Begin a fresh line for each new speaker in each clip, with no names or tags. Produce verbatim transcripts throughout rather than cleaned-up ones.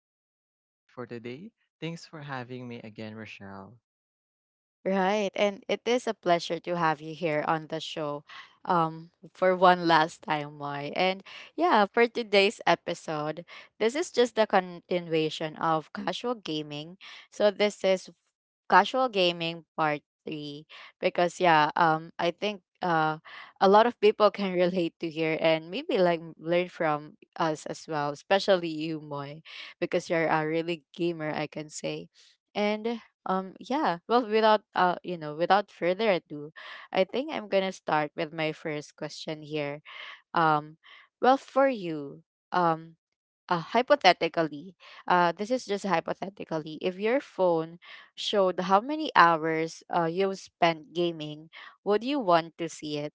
uh, your co-host for today. Thanks for having me again, Rochelle.
Right. And it is a pleasure to have you here on the show um, for one last time, Moy. And yeah, for today's episode, this is just the continuation of casual gaming. So this is casual gaming part three, because yeah, um, I think uh, a lot of people can relate to here and maybe like learn from us as well, especially you, Moy, because you're a really gamer, I can say. And um yeah, well, without uh you know, without further ado, I think I'm going to start with my first question here. Um well, for you, um uh, hypothetically, uh this is just hypothetically. If your phone showed how many hours uh you've spent gaming, would you want to see it?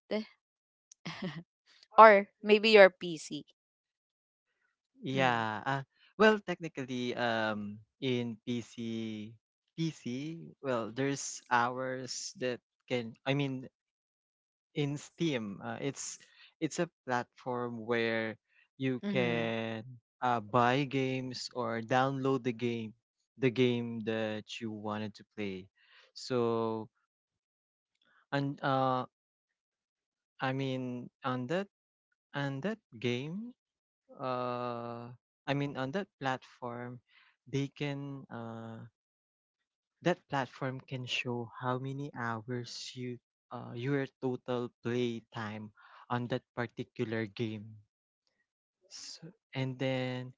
Or maybe your P C? Mhm.
Yeah, uh, well, technically, um, in P C, P C, well, there's hours that can, I mean, in Steam, uh, it's it's a platform where you
Mhm.
can uh, buy games or download the game, the game that you wanted to play. So, and uh, I mean, on that And that game, uh, I mean, on that platform, they can uh, that platform can show how many hours you uh, your total play time on that particular game. So, and then,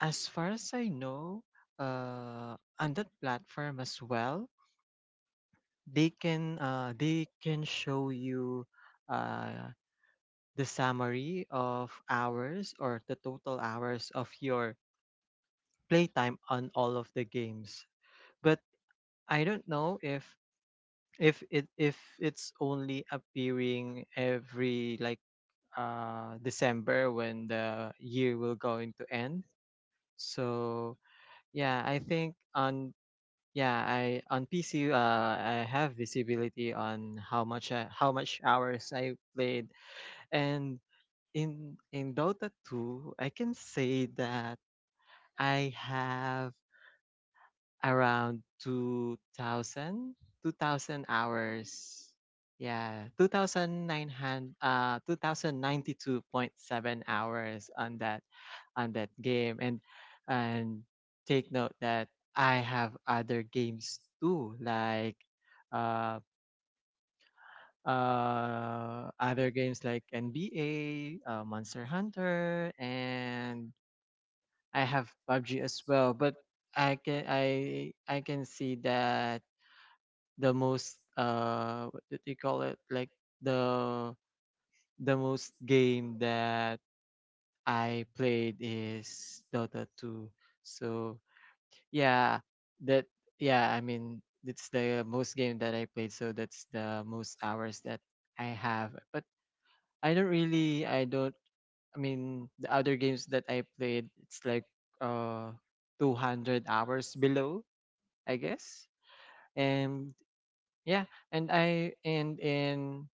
as far as I know, uh, on that platform as well, they can uh, they can show you uh, the summary of hours or the total hours of your playtime on all of the games. But I don't know if if it if it's only appearing every like uh December when the year will going to end. So yeah, I think on yeah, I on P C uh I have visibility on how much I, how much hours I played and in in Dota two, I can say that I have around two thousand, two thousand hours, yeah twenty-nine hundred uh two thousand ninety-two point seven hours on that on that game. And and take note that I have other games too, like uh uh other games like N B A, uh, Monster Hunter, and I have pub G as well. But i can i i can see that the most uh what did you call it like the the most game that I played is Dota two. So yeah, that yeah I mean, it's the most game that I played, so that's the most hours that I have. But I don't really I don't I mean the other games that I played, it's like uh two hundred hours below, I guess. And yeah, and I and in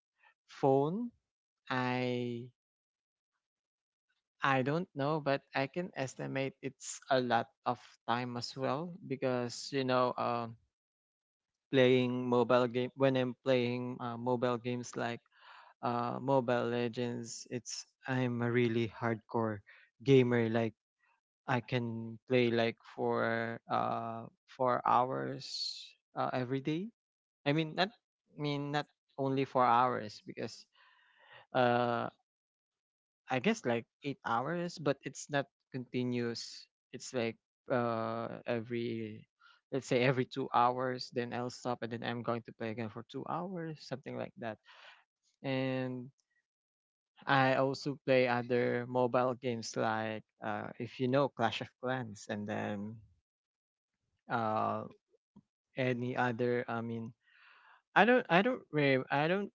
phone, I I don't know, but I can estimate it's a lot of time as well, because you know, uh, playing mobile game when I'm playing uh, mobile games like uh, Mobile Legends. It's I'm a really hardcore gamer. Like, I can play like for uh four hours, uh, every day. I mean not I mean not only four hours, because uh I guess like eight hours, but it's not continuous. It's like, uh every let's say every two hours, then I'll stop and then I'm going to play again for two hours, something like that. And I also play other mobile games like, uh if you know, Clash of Clans, and then uh any other I mean I don't I don't re- I don't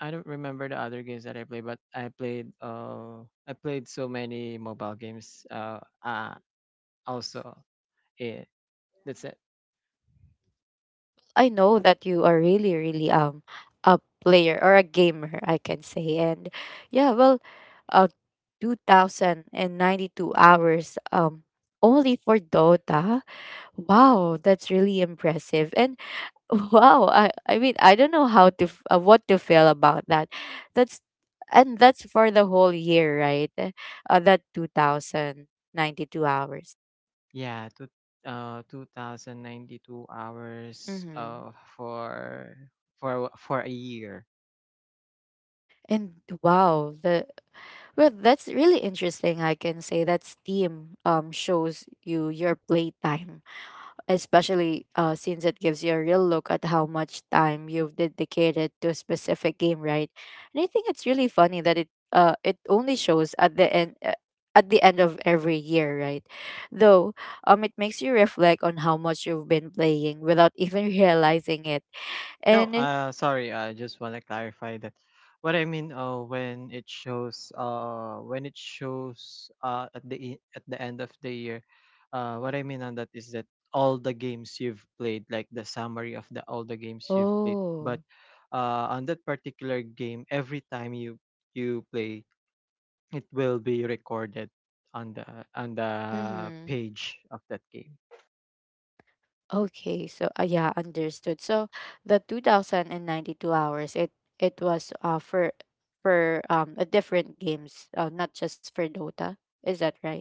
I don't remember the other games that I played, but I played uh I played so many mobile games, uh uh also. It That's it.
I know that you are really, really um a player or a gamer, I can say. And yeah, well, uh, two thousand and ninety-two hours um only for Dota. Wow, that's really impressive. And wow, I I mean I don't know how to f- uh, what to feel about that. That's and that's for the whole year, right? Uh, that two thousand ninety-two hours.
Yeah two uh two thousand ninety-two hours
Mm-hmm.
uh for for for a year.
And wow, the well, that's really interesting. I can say that Steam um shows you your playtime, especially uh since it gives you a real look at how much time you've dedicated to a specific game, right? And I think it's really funny that it uh it only shows at the end. Uh, at the end of every year, right? Though, um, it makes you reflect on how much you've been playing without even realizing it.
No,
And
uh, sorry. I just want to clarify that. What I mean, uh, when it shows, uh, when it shows, uh, at the e- at the end of the year, uh, what I mean on that is that all the games you've played, like the summary of the all the games you've played. But
Oh,
uh, on that particular game, every time you you play, it will be recorded on the on the
mm-hmm.
page of that game.
Okay, so uh, yeah, understood. So the two thousand ninety-two hours, it it was uh for for um a different games, uh, not just for Dota. Is that right?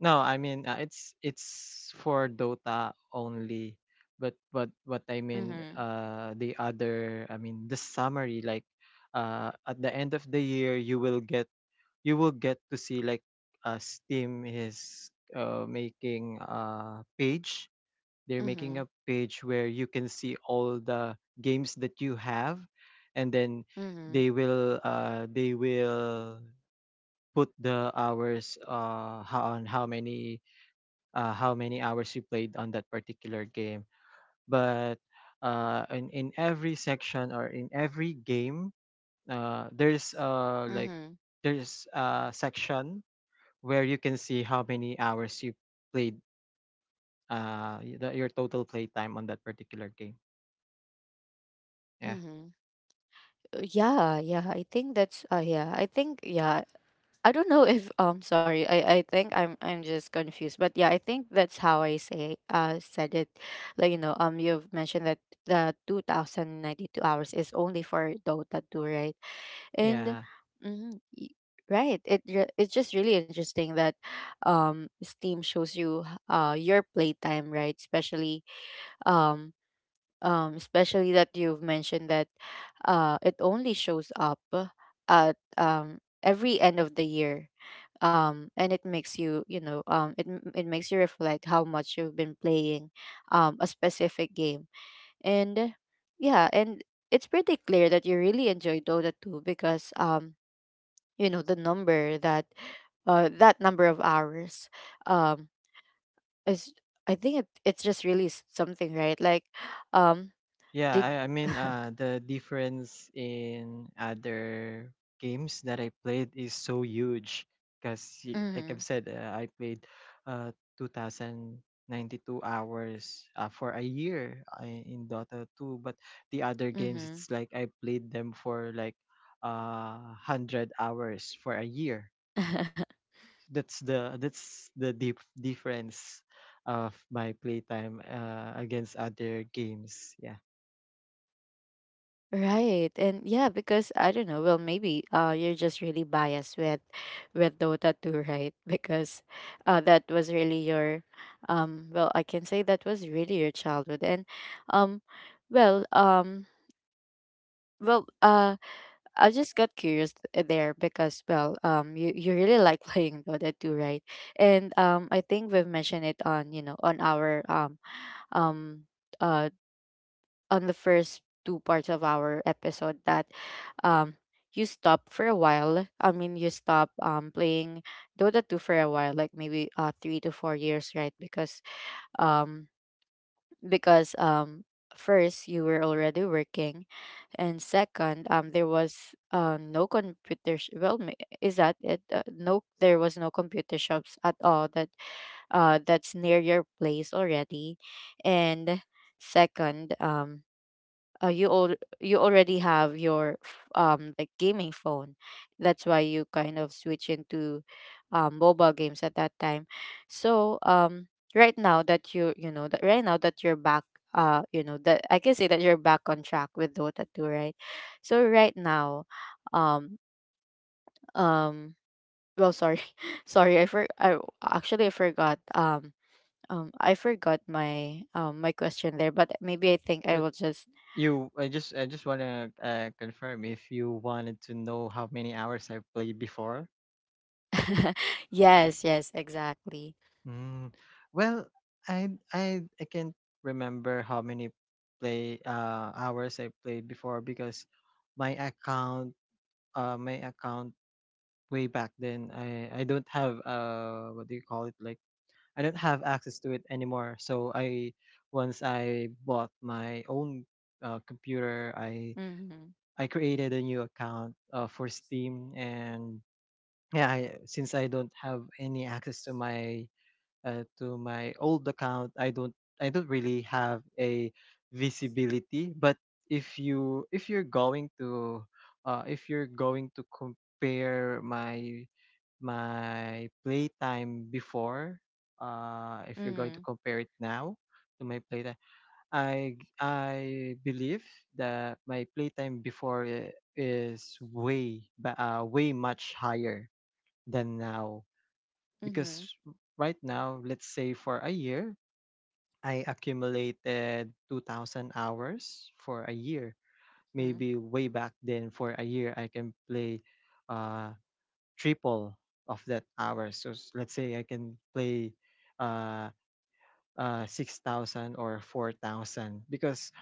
No, I mean, uh, it's it's for Dota only. But but what I mean,
Mm-hmm.
uh, the other, I mean, the summary, like, uh, at the end of the year, you will get you will get to see like, uh, Steam is uh making a page. They're making
Mm-hmm.
a page where you can see all the games that you have, and then
Mm-hmm.
they will uh they will put the hours, uh ho- on how many, uh, how many hours you played on that particular game. But uh, in in every section, or in every game, uh, there's uh like
Mm-hmm.
there's a section where you can see how many hours you played, uh y- the, your total play time on that particular game. Yeah,
Mm-hmm. Uh, Yeah, yeah. I think that's uh yeah. I think yeah. I don't know if um sorry. I I think I'm I'm just confused. But yeah, I think that's how I say uh said it. Like, you know, um you've mentioned that the two thousand ninety-two hours is only for Dota two, right? And
yeah.
mm, y- right, it re- it's just really interesting that um Steam shows you uh your playtime, right? Especially um um especially that you've mentioned that uh it only shows up uh, at um every end of the year. Um, and it makes you, you know, um, it m- it makes you reflect how much you've been playing, um, a specific game, and yeah, and it's pretty clear that you really enjoy Dota two, because um you know the number that, uh that number of hours, um is, i think it, it's just really s- something, right? Like, um
Yeah,
did
I, I mean, uh, the difference in other games that I played is so huge, because, like I've
mhm.
said, uh, I played uh, two thousand ninety-two hours, uh, for a year, uh, in Dota two. But the other games,
Mhm.
it's like I played them for like uh, one hundred hours for a year. That's the that's the deep difference of my playtime, uh, against other games. Yeah.
Right, and yeah, because I don't know. Well, maybe uh you're just really biased with with Dota two, right? Because uh that was really your um well, I can say that was really your childhood, and um well um well uh I just got curious th- there because well, um, you, you really like playing Dota two, right? And um, I think we've mentioned it on you know on our um um uh on the first two parts of our episode that um you stop for a while. I mean, you stop um playing Dota two for a while, like maybe uh three to four years, right? Because um because um first you were already working, and second, um there was uh no computer sh- well, ma- is that it? Uh, no, there was no computer shops at all that, uh that's near your place already. And second, um uh, you all you already have your f- um like gaming phone, that's why you kind of switch into um, mobile games at that time. So um right now that you you know that right now that you're back, uh you know that, I can say that you're back on track with Dota two, right? So right now, um um well, sorry. Sorry, i for I actually, i forgot um um I forgot my um my question there, but maybe I think I will just
You, I just, I just wanna uh, confirm if you wanted to know how many hours I've played before.
yes, yes, exactly.
Mm, well, I, I, I can't remember how many play uh hours I played before, because my account, uh, my account way back then, I, I don't have, uh, what do you call it? Like, I don't have access to it anymore. So I, once I bought my own uh, computer, I
Mm-hmm.
I created a new account, uh, for Steam, and yeah, I, since I don't have any access to my uh, to my old account, I don't I don't really have a visibility. But if you if you're going to, uh, if you're going to compare my my playtime before, uh, if you're going
Mm-hmm.
to compare it now to my playtime, I I believe that my playtime before i- is way ba- uh, way much higher than now, because
Mm-hmm.
right now, let's say for a year, I accumulated two thousand hours for a year.
Mm.
Maybe way back then for a year, I can play uh, triple of that hours. So, s- let's say I can play uh, uh, six thousand or four thousand, because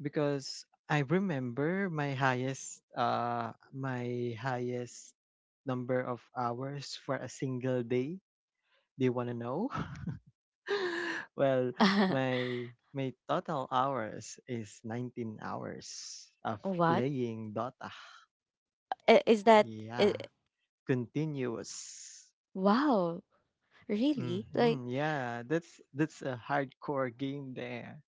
Because I remember my highest, uh my highest number of hours for a single day. Do you want to know? Well, my my total hours is nineteen hours of
What?
playing Dota.
I- Is that uh,
Yeah, continuous.
wow, really? Like,
Hmm, yeah, that's that's a hardcore game there.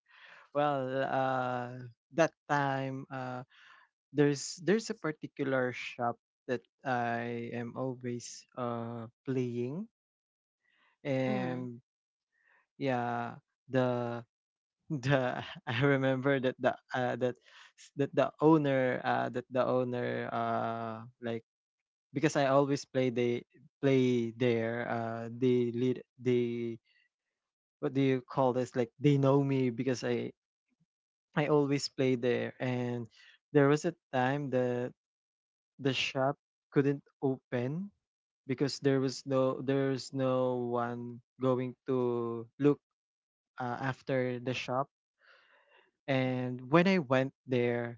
Well, uh, that time, uh, there's there's a particular shop that I am always uh playing,
mm-hmm.
and yeah, the the I remember that the uh, that s- that the owner uh that the owner, uh like, because I always play they play there, uh they lead they what do you call this like they know me, because I I always play there. And there was a time that the shop couldn't open, because there was no there's no one going to look uh, after the shop. And when I went there,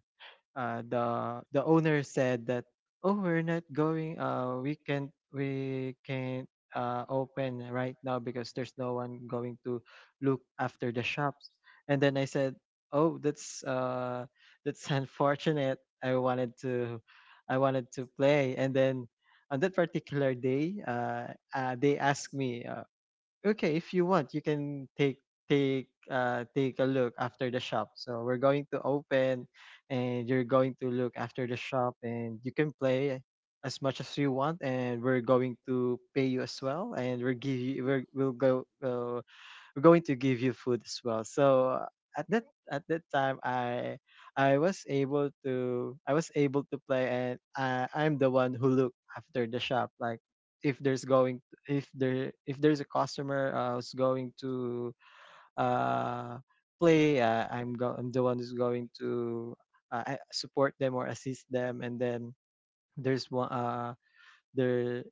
uh, the the owner said that, oh, we're not going uh we can't, we can't uh open right now, because there's no one going to look after the shops. And then I said, oh, that's uh that's unfortunate, i wanted to I wanted to play. And then on that particular day, uh, uh they asked me, uh, okay, if you want, you can take take uh take a look after the shop. So we're going to open, and you're going to look after the shop, and you can play as much as you want, and we're going to pay you as well, and we'll give you we're, we'll go uh, we're going to give you food as well. So, uh, at that at that time, I i was able to I was able to play, and i i'm the one who look after the shop. Like, if there's going if there if there's a customer, uh, who's going to uh play, uh, i'm go I'm the one who's going to, uh, I- support them or assist them. And then there's one uh there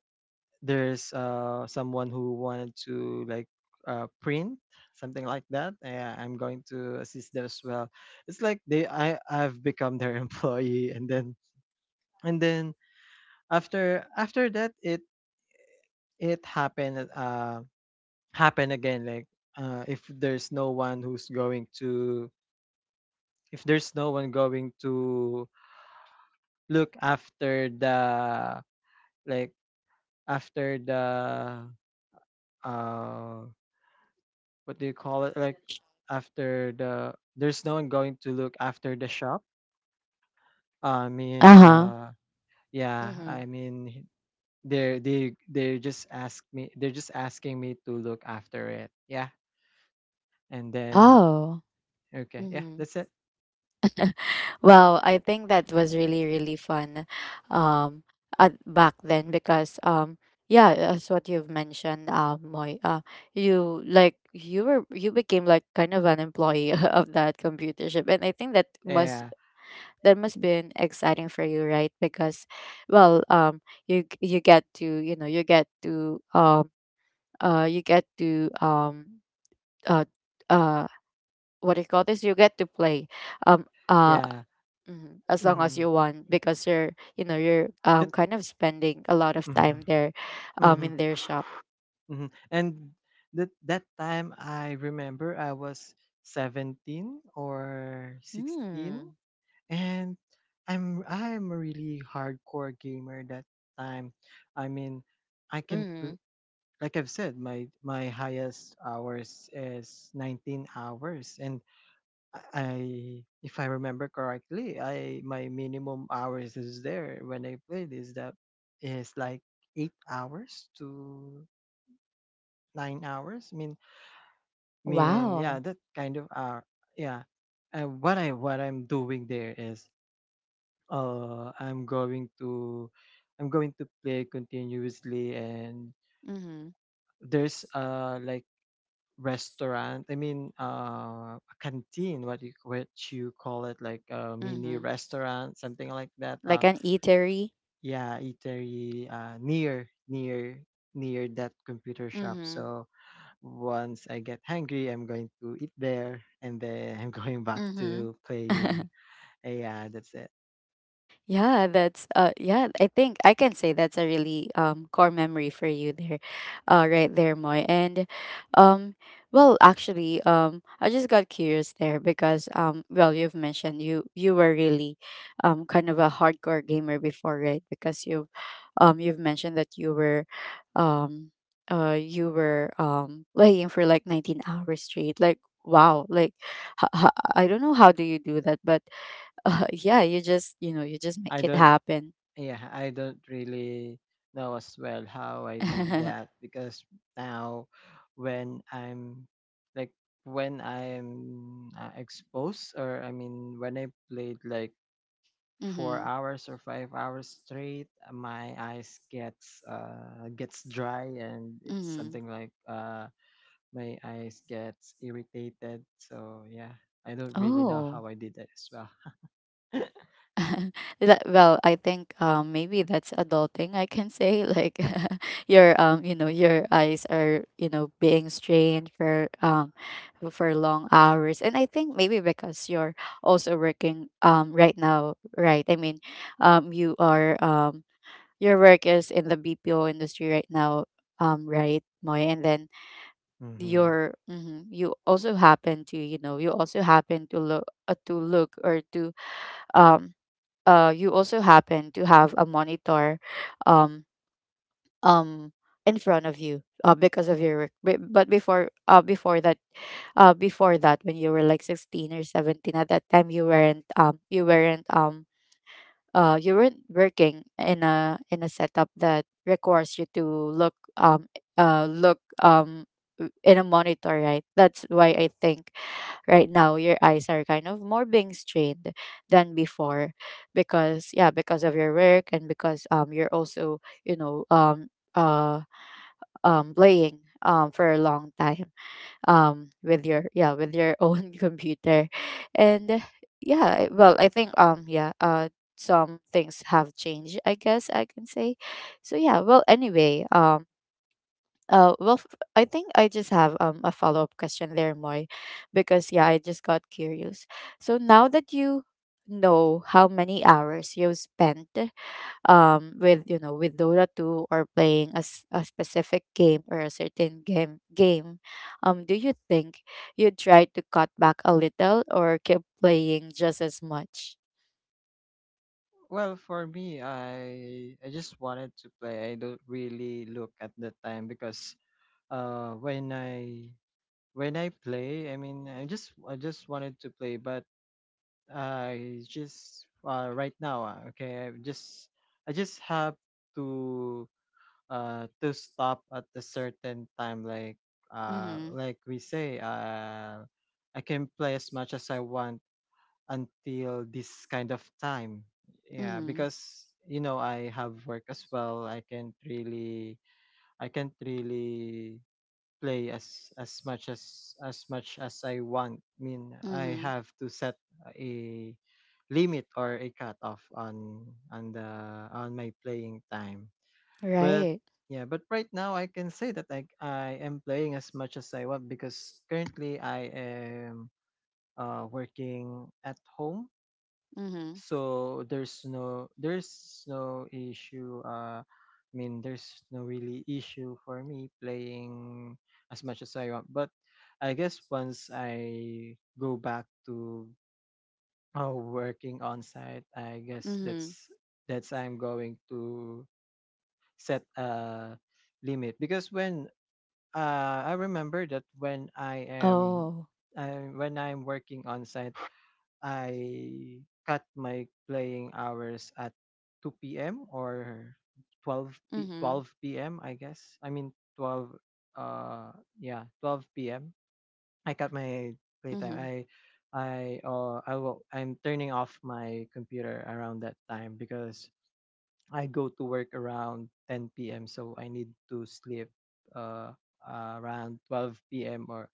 there's, uh someone who wanted to, like, uh print something like that, yeah, I'm going to assist that as well. It's like they I I've become their employee. And then, and then after, after that it it happened, uh happened again like, uh if there's no one who's going to if there's no one going to look after the, like, after the, uh what do you call it? Like, after the, there's no one going to look after the shop. I mean,
Uh-huh.
uh, yeah,
Mm-hmm.
I mean, they're they they just ask me, they're just asking me to look after it. Yeah, and then
Oh.
okay, yeah,
Mm-hmm.
that's it.
Wow, I think that was really, really fun um at back then because um yeah, as what you've mentioned, um, Moy, uh, you like you were you became like kind of an employee of that computer shop, and I think that must,
Yeah,
that must been exciting for you, right? Because, well, um, you g- you get to you know you get to um uh you get to um uh uh what do you call this? You get to play um uh
yeah.
mhm, as long as
Mm,
you want because you're you know you're
it,
um kind of spending a lot of time
mm,
there, um
mm,
in their shop.
mm. And that that time, I remember I was seventeen or sixteen,
Mm.
and I'm I'm a really hardcore gamer that time. I mean, I can pl-
Mm.
like I've said, my my highest hours is nineteen hours, and I I- if I remember correctly, I my minimum hours is there when I played is that is like eight hours to nine hours. I mean, mean yeah,
Wow.
that kind of hour. Yeah, uh, what I what I'm doing there is, uh I'm going to I'm going to play continuously, and
Mm-hmm.
there's uh like restaurant, I mean uh a canteen, what you what you call it, like a mini
Mm-hmm.
restaurant, something like that. uh
Like an eatery.
yeah eatery uh near near near that computer shop.
Mm-hmm.
So once I get hungry, I'm going to eat there, and then I'm going back to
Mm-hmm.
playing. Yeah, that's it.
Yeah, that's uh yeah, I think I can say that's a really um core memory for you there. Uh right there, Moy. And um well, actually, um I just got curious there because um well, you've mentioned you you were really um kind of a hardcore gamer before, right? Because you've um you've mentioned that you were um uh you were um playing for like nineteen hours straight. Like wow, like ha- I don't know how do you do that, but uh, yeah, you just you know you just
I
make it
don't
happen.
Yeah, I don't really know as well how I did that, because now when I'm like when I'm uh, exposed, or I mean when I played like four
Mm-hmm.
hours or five hours straight, uh, my eyes gets uh gets dry, and it's
Mm-hmm.
something like uh my eyes gets irritated. So yeah, I don't really know
Oh.
how I did that as well.
That- well, I think um, maybe that's adulting. I can say like, your um you know your eyes are, you know, being strained for um for long hours, and I think maybe because you're also working um right now, right? I mean, um you are um your work is in the B P O industry right now, um right, Moy, and then
Hmm.
your mhm, you also happen to, you know, you also happen to look uh, to look or to um uh you also happen to have a monitor um um in front of you, uh, because of your work. Be- but before, uh before that uh before that when you were like sixteen or seventeen, at that time you weren't um you weren't um uh, you weren't working in a in a setup that requires you to look um uh look um w- in a monitor, right? That's why I think right now your eyes are kind of more being strained than before, because yeah, because of your work, and because um you're also, you know, um uh um playing um for a long time um with your yeah with your own computer. And uh, yeah, I- well, I think, um yeah, uh some things have changed, I guess I can say. So yeah, well, anyway, um uh well f- I think I just have um a follow-up question there, Moy, because yeah, I just got curious. So now that you know how many hours you've spent, um with, you know, with Dota two or playing a, s- a specific game or a certain game game, um do you think you try to cut back a little or keep playing just as much?
Well, for me, I I just wanted to play. I don't really look at the time, because uh when I when I play, I mean I just I just wanted to play. But I just uh right now, uh, okay, I just I just have to uh to stop at a certain time, like uh
Mm-hmm.
like we say, uh I can play as much as I want until this kind of time. Yeah,
Mm-hmm.
because you know I have work as well. I can't really I can't really play as as much as as much as I want. I mean, I
Mm-hmm.
have to set a limit or a cutoff on on the on my playing time. But
Right.
yeah, but right now I can say that I I am playing as much as I want, because currently I am uh, working at home,
Mm-hmm.
so there's no there's no issue, uh I mean there's no really issue for me playing as much as I want. But I guess once I go back to uh, working on site, I guess
Mm-hmm.
that's that's I'm going to set a limit, because when uh I remember that when I am
Oh.
uh, when I'm working on site, I cut my playing hours at two p m or twelve p-
Mm-hmm.
twelve p m. I guess. I mean twelve, uh yeah, twelve p m. I cut my playtime.
Mm-hmm.
I I uh I will I'm turning off my computer around that time, because I go to work around ten p m So I need to sleep uh around twelve p m or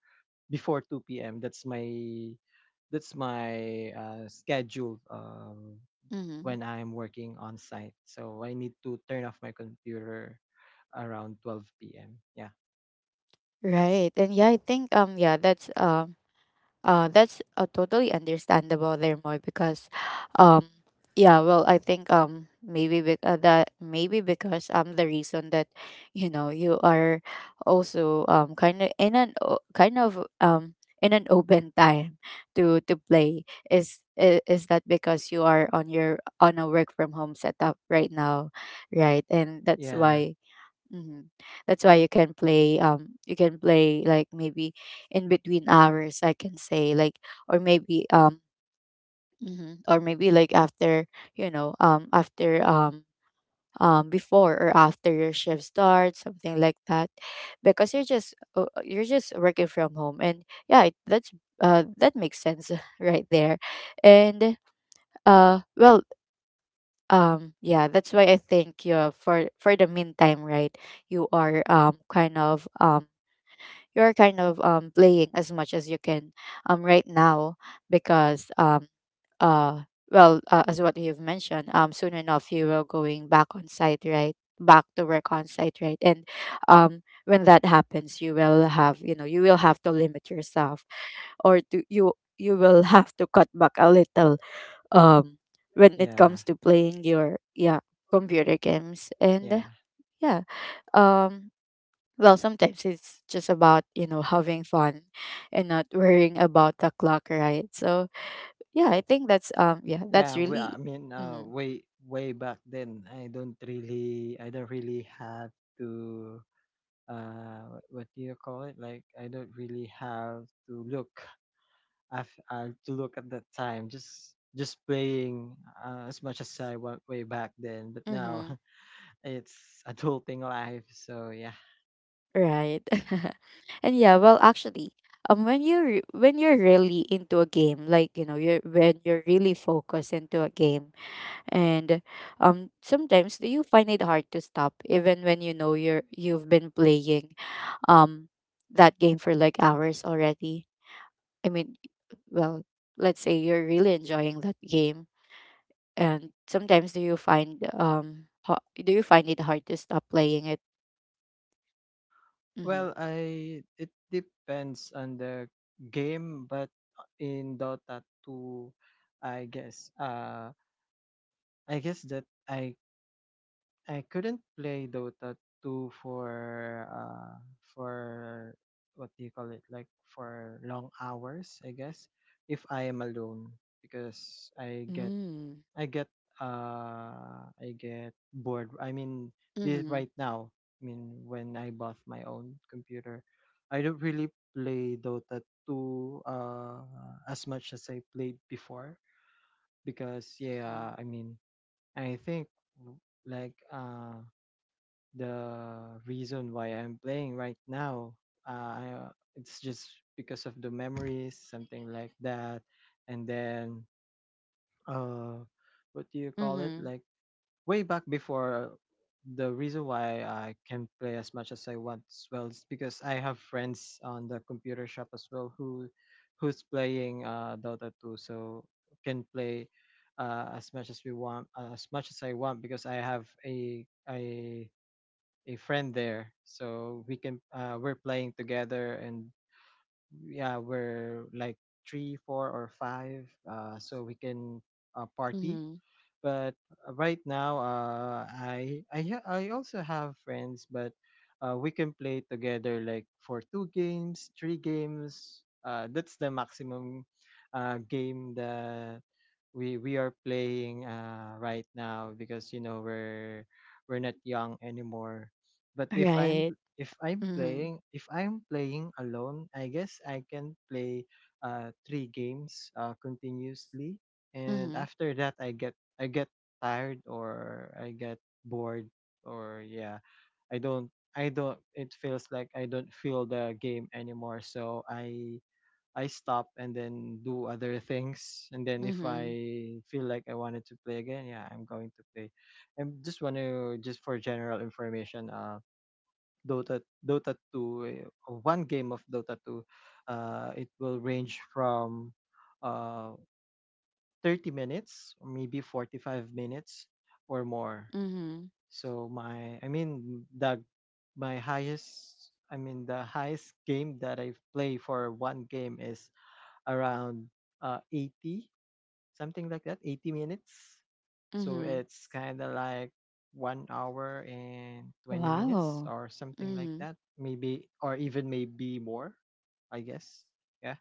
before two p m. That's my that's my uh, schedule um,
Mm-hmm.
when I'm working on site. So I need to turn off my computer around twelve p m. Yeah,
Right. And yeah, I think um yeah, that's um Uh, that's uh, totally understandable there, Moy, because, um, yeah, well, I think um maybe bec- uh, that maybe because um the reason that, you know, you are also um kind of in an o- kind of um in an open time to to play, is, i- is that because you are on your on a work from home setup right now, right? And that's
yeah,
why. Hmm That's why you can play um you can play, like, maybe in between hours, I can say, like, or maybe um mhm, or maybe like after, you know um after um um before or after your shift starts, something like that, because you're just uh, uh, you're just working from home. And yeah, it, that's uh that makes sense right there. And uh well um Yeah, that's why I think you, for for the meantime, right? You are um kind of um you're kind of um playing as much as you can um right now, because um uh well uh, as what you've mentioned, um soon enough you will going back on site, right, back to work on site, right? And um when that happens, you will have, you know, you will have to limit yourself. Or to you you will have to cut back a little um when it
yeah,
comes to playing your, yeah, computer games,
yeah,
and yeah. Um well sometimes it's just about, you know, having fun and not worrying about the clock, right? So yeah, I think that's um yeah, that's
yeah. Well,
really.
I mean, uh,
Mm-hmm,
way way back then, I don't really, I don't really have to. Uh, what do you call it? Like, I don't really have to look, I've, uh, to look at that time, just just playing uh, as much as I want way back then. But now,
mm-hmm.
it's adulting life, so yeah.
Right. And yeah, well, actually, um when you re- when you're really into a game, like, you know, you're when you're really focused into a game, and um sometimes do you find it hard to stop even when, you know, you're, you've been playing um that game for like hours already? I mean, well, let's say you're really enjoying that game, and sometimes do you find um ho- do you find it hard to stop playing it? Mm-hmm.
Well, I it depends on the game, but in Dota two, I guess uh I guess that I I couldn't play Dota two for uh for what do you call it, like for long hours, I guess, if I am alone, because I get
Mm.
I get, uh I get bored. I mean, this
Mm-hmm.
right now, I mean when I bought my own computer, I don't really play Dota two uh as much as I played before, because yeah, I mean, I think w- like uh the reason why I'm playing right now, Uh, I, it's just because of the memories, something like that. And then, uh, what do you call it?
Mm-hmm.
Like way back before, the reason why I can play as much as I want as well is because I have friends on the computer shop as well who, who's playing, uh, Dota two, so can play Uh, as much as we want, uh, as much as I want, because I have a a a friend there, so we can uh, we're playing together. And yeah, we're like three four or five, uh, so we can uh, party.
Mm-hmm.
But uh, right now, uh, I, I ha- I also have friends, but uh, we can play together like for two games three games, uh, that's the maximum uh, game that we we are playing uh right now, because you know we're we're not young anymore. But if i'm
Right.
if i'm
Mm-hmm.
playing if I'm playing alone, I guess I can play uh three games uh continuously, and
Mm-hmm.
after that i get I get tired, or I get bored, or yeah, i don't I don't, it feels like I don't feel the game anymore, so I I stop and then do other things. And then if I
Mm-hmm.
feel like I wanted to play again, yeah, I'm going to play. I just want to, just for general information, uh, Dota Dota two, uh, one game of Dota two, uh, it will range from uh thirty minutes or maybe forty-five minutes or more.
Mm-hmm.
So my, I mean the, my highest, I mean the highest game that I play for one game is around uh, eighty, something like that, eighty minutes. So
Mm-hmm.
it's kind of like one hour and twenty minutes
Wow.
or something like
Mm-hmm.
that, maybe, or even maybe more, I guess. Yeah,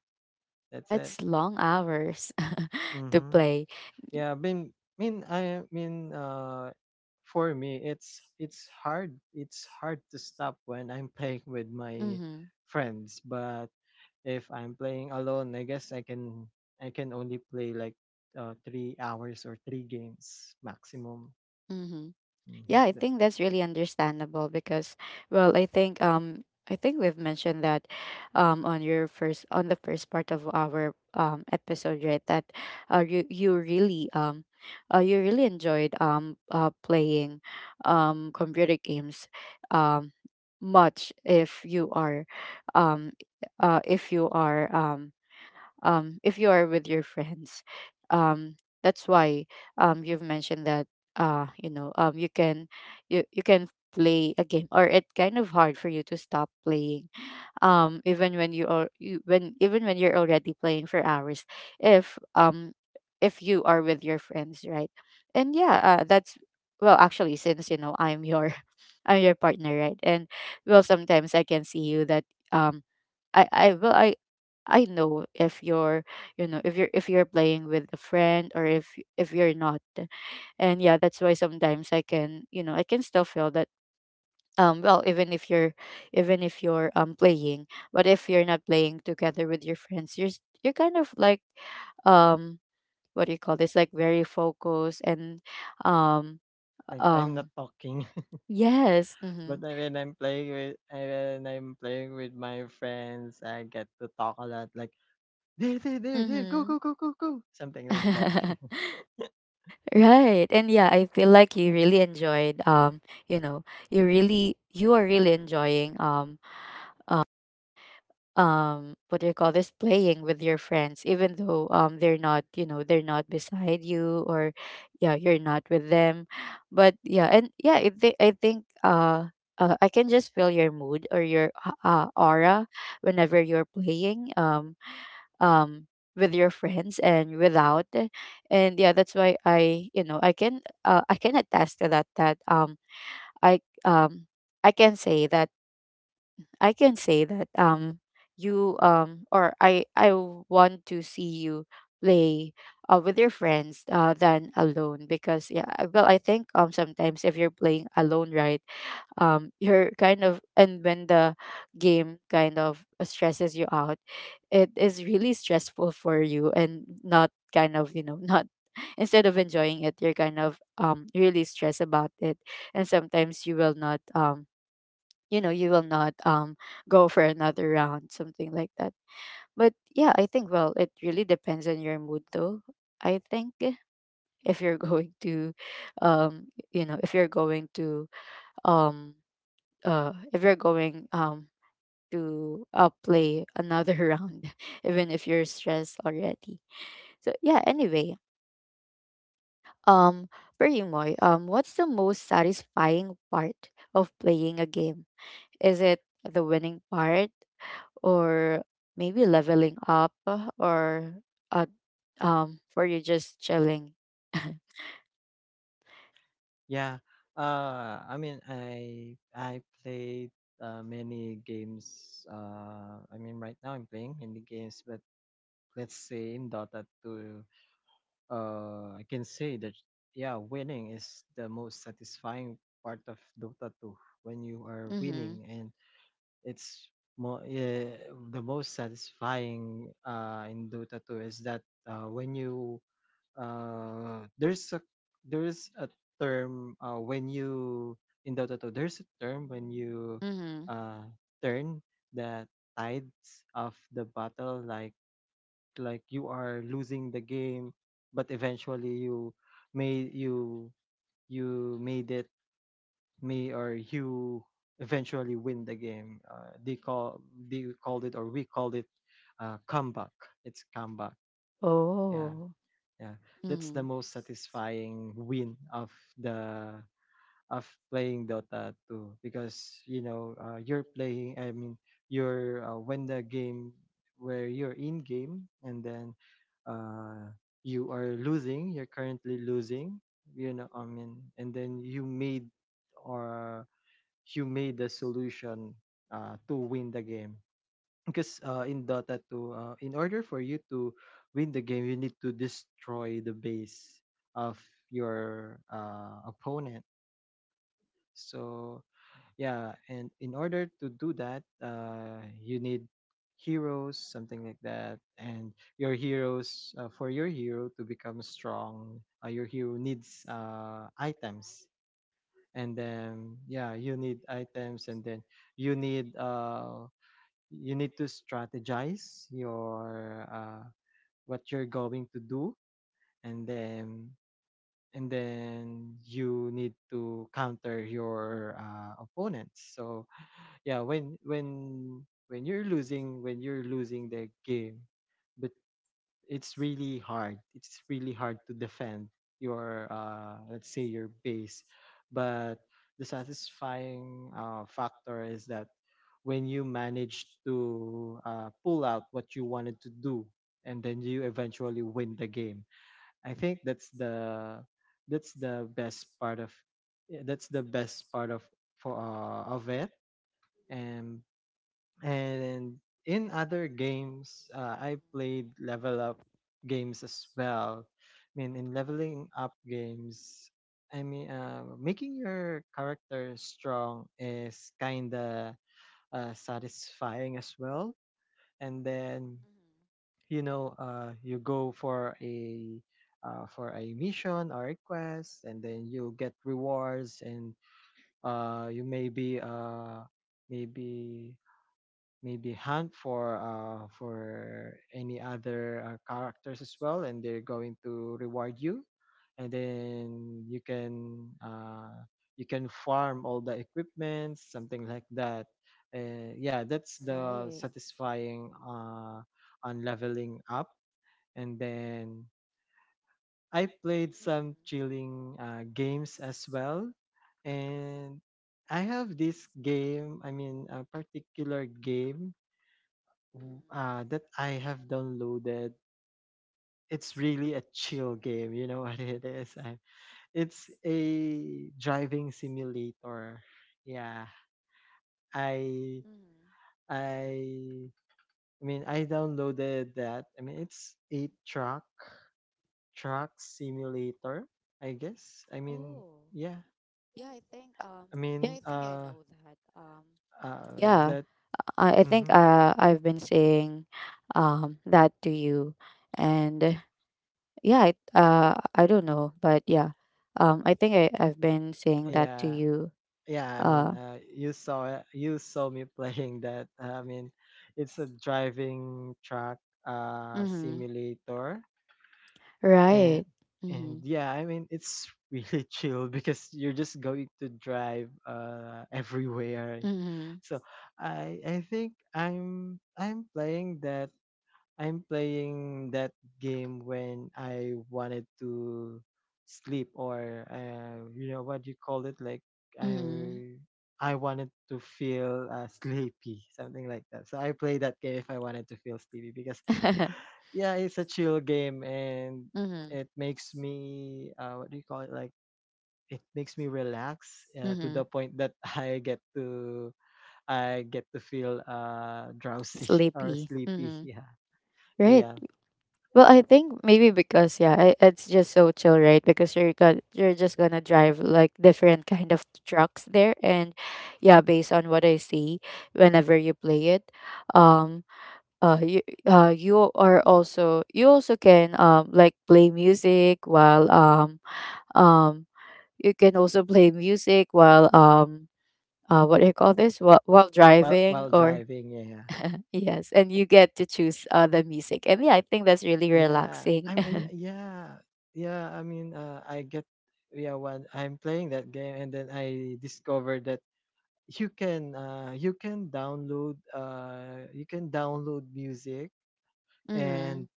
that's it.
That's long hours to
Mm-hmm.
play.
Yeah, I mean, mean, I mean, uh, for me, it's it's hard. It's hard to stop when I'm playing with my
Mm-hmm.
friends. But if I'm playing alone, I guess I can I can only play like uh, three hours or three games maximum.
Mm-hmm.
Mhm.
Yeah, I
That-
think that's really understandable because, well, I think um I think we've mentioned that um on your first on the first part of our um episode, right? That uh you you really um uh you really enjoyed um uh playing um computer games um much if you are um uh if you are um um, if you are with your friends. Um, that's why um, you've mentioned that uh, you know, um, you can you, you can play a game, or it kind of hard for you to stop playing um even when you are you when even when you're already playing for hours if um if you are with your friends, right? And yeah, uh, that's, well, actually, since you know, I'm your, I'm your partner, right? And well, sometimes I can see you that um I I well, i I know if you're, you know, if you're, if you're playing with a friend or if if you're not. And yeah, that's why sometimes I can, you know, I can still feel that um well, even if you're, even if you're um playing, but if you're not playing together with your friends, you're s- you're kind of like um what do you call this, like, very focused and um
Like I'm not
um
talking,
yes, mm-hmm.
but I- when I'm playing with I- when I'm playing with my friends, I get to talk a lot. Like there, there, there, there, go,
Mm-hmm.
go, go, go, go, something like that.
Right. And yeah, I feel like you really enjoyed, um you know, you really you are really enjoying um um what do you call this, playing with your friends even though um they're not, you know, they're not beside you, or yeah, you're not with them. But yeah, and yeah, i, thi- I think uh, uh I can just feel your mood or your uh, uh, aura whenever you're playing um um with your friends and without. And yeah, that's why I, you know, I can, uh, I can attest to that, that um i um I can say that, I can say that um you um or I I want to see you play uh, with your friends, uh, than alone, because yeah, I- well, I think um sometimes, if you're playing alone, right, um you're kind of, and when the game kind of stresses you out, it is really stressful for you and not kind of, you know, not instead of enjoying it, you're kind of um really stressed about it. And sometimes you will not um you know, you will not um go for another round, something like that. But yeah, I think, well, it really depends on your mood, though. I think if you're going to um you know, if you're going to um uh if you're going um to uh, play another round even if you're stressed already. So yeah, anyway, um for you, Moy, um what's the most satisfying part of playing a game? Is it the winning part, or maybe leveling up, uh, or uh, um for you, just chilling?
Yeah. Uh, I mean, I I played, uh, many games. Uh, I mean, right now I'm playing many games, but let's say in Dota two, uh, I can say that yeah, winning is the most satisfying part of Dota two when you are
Mm-hmm.
winning. And it's more, uh, the most satisfying uh, in Dota two is that uh, when you uh, there's a there's a term, uh, when you in Dota two there's a term when you
Mm-hmm.
uh, turn the tides of the battle, like like you are losing the game, but eventually you may you you made it, may or you eventually win the game. Uh, they call they called it, or we called it, uh, comeback. It's comeback. Yeah.
Oh.
Yeah. That's
Mm-hmm.
the most satisfying win of the of playing Dota two, because you know, uh, you're playing I mean you're uh, when the game, where you're in game, and then uh, you are losing, you're currently losing, you know. I mean, and then you made or you made the solution uh, to win the game. Because uh, in Dota two, uh, in order for you to win the game, you need to destroy the base of your uh, opponent. So yeah, and in order to do that, uh, you need heroes, something like that. And your heroes, uh, for your hero to become strong, uh, your hero needs uh, items. And then yeah, you need items. And then you need uh, you need to strategize your uh, what you're going to do. And then and then you need to counter your uh, opponents. So yeah, when when when you're losing, when you're losing the game, but it's really hard it's really hard to defend your uh let's say your base. But the satisfying uh, factor is that when you manage to uh, pull out what you wanted to do, and then you eventually win the game, I think that's the that's the best part of, yeah, that's the best part of for uh, of it. And and in other games, uh, I played level up games as well. I mean, in leveling up games, I mean, uh, making your character strong is kind of uh, satisfying as well. And then you know, uh, you go for a, uh, for a mission or a quest, and then you get rewards. And uh, you maybe, uh, maybe maybe hunt for, uh, for any other uh, characters as well, and they're going to reward you. And then you can, uh, you can farm all the equipment, something like that. Uh, yeah, that's the
Right.
satisfying uh, on leveling up. And then I played some
Mm-hmm.
chilling uh, games as well. And I have this game, I mean, a particular game, Mm,
Mm-hmm.
uh, that I have downloaded. It's really a chill game. You know what it is? I, it's a driving simulator. Yeah, I
Mm-hmm.
I I mean I downloaded that. I mean it's a truck truck simulator, I guess. I mean
Oh,
yeah.
yeah, I think um
I
yeah,
mean
I think I
uh
know that. Um
uh
yeah,
that.
i, I think
Mm-hmm,
uh, I've been saying um that to you. And yeah, I, uh I don't know, but yeah, um I think I, I've been saying that to
yeah.
you.
Yeah, I mean,
Uh,
uh you saw it- you saw me playing that. I mean it's a driving track uh
mm-hmm.
simulator. And
Right.
and
Mm-hmm.
yeah, I mean it's really chill, because you're just going to drive uh everywhere.
Mm-hmm.
So i i think i'm I'm playing that, I'm playing that game when I wanted to sleep or, uh, you know what you call it, like
Mm-hmm.
I I wanted to feel uh, sleepy, something like that. So I play that game if I wanted to feel sleepy because, yeah, it's a chill game, and
Mm-hmm.
it makes me, uh, what do you call it, like, it makes me relax uh, to
Mm-hmm.
the point that I get to I get to feel uh drowsy or
Sleepy,
sleepy.
mm-hmm.
Yeah.
Right.
Yeah.
Well, I think maybe because, yeah, I, it's just so chill, right, because you're got you're just gonna drive like different kind of trucks there. And yeah, based on what I see whenever you play it, um uh you uh you are also, you also can um like play music while um um you can also play music while um uh what do you call this, while, while
while
driving,
while
or?
driving, yeah.
Yes, and you get to choose uh the music, and yeah, I think that's really
Yeah,
relaxing.
i'm, I mean, yeah. yeah I mean uh, I get Yeah, when I'm playing that game, and then I discovered that you can uh you can download uh you can download music,
Mm-hmm.
and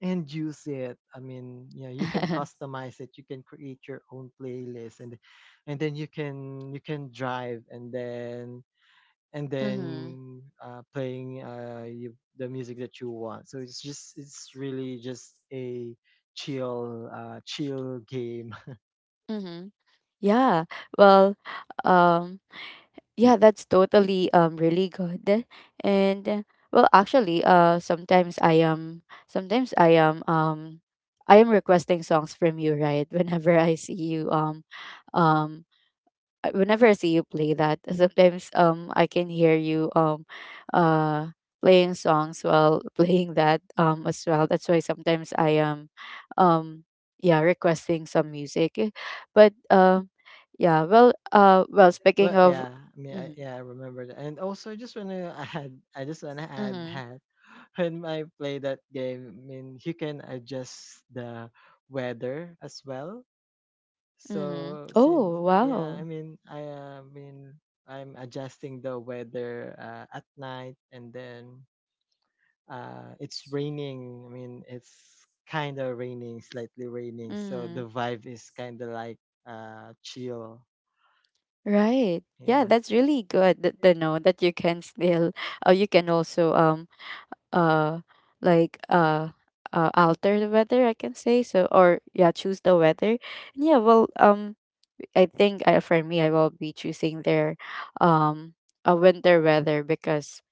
and use it. I mean, yeah, you can customize it, you can create your own playlist, and and then you can you can drive, and then and
Mm-hmm.
then uh, playing, uh, you, the music that you want. So it's just, it's really just a chill, uh, chill game.
Mm-hmm. Yeah. Well, um, yeah, that's totally um really good. And uh, well, actually, uh, sometimes I am, sometimes I am um I am requesting songs from you, right? Whenever I see you um um uh, whenever I see you play that, sometimes um I can hear you um uh playing songs while playing that um as well. That's why sometimes I am um yeah, requesting some music, but um yeah, well, uh well speaking
Well,
of.
yeah, I mean, I,
Mhm.
yeah, I remember that. And also, I just wanna add, I just wanna add
Mhm.
that when I play that game, I mean, you can adjust the weather as well.
Mhm.
So since,
Oh,
yeah, I
wow.
mean, I uh, mean, I'm adjusting the weather uh, at night, and then uh it's raining. I mean, it's kind of raining, slightly raining, so
Mhm.
the vibe is kind of like uh chill.
Right. Yeah,
Yeah.
that's really good that to know that you can still uh, you can also um uh like uh uh alter the weather, I can say so, or yeah, choose the weather. And yeah, well, um I think I, for me, I will be choosing their um a winter weather, because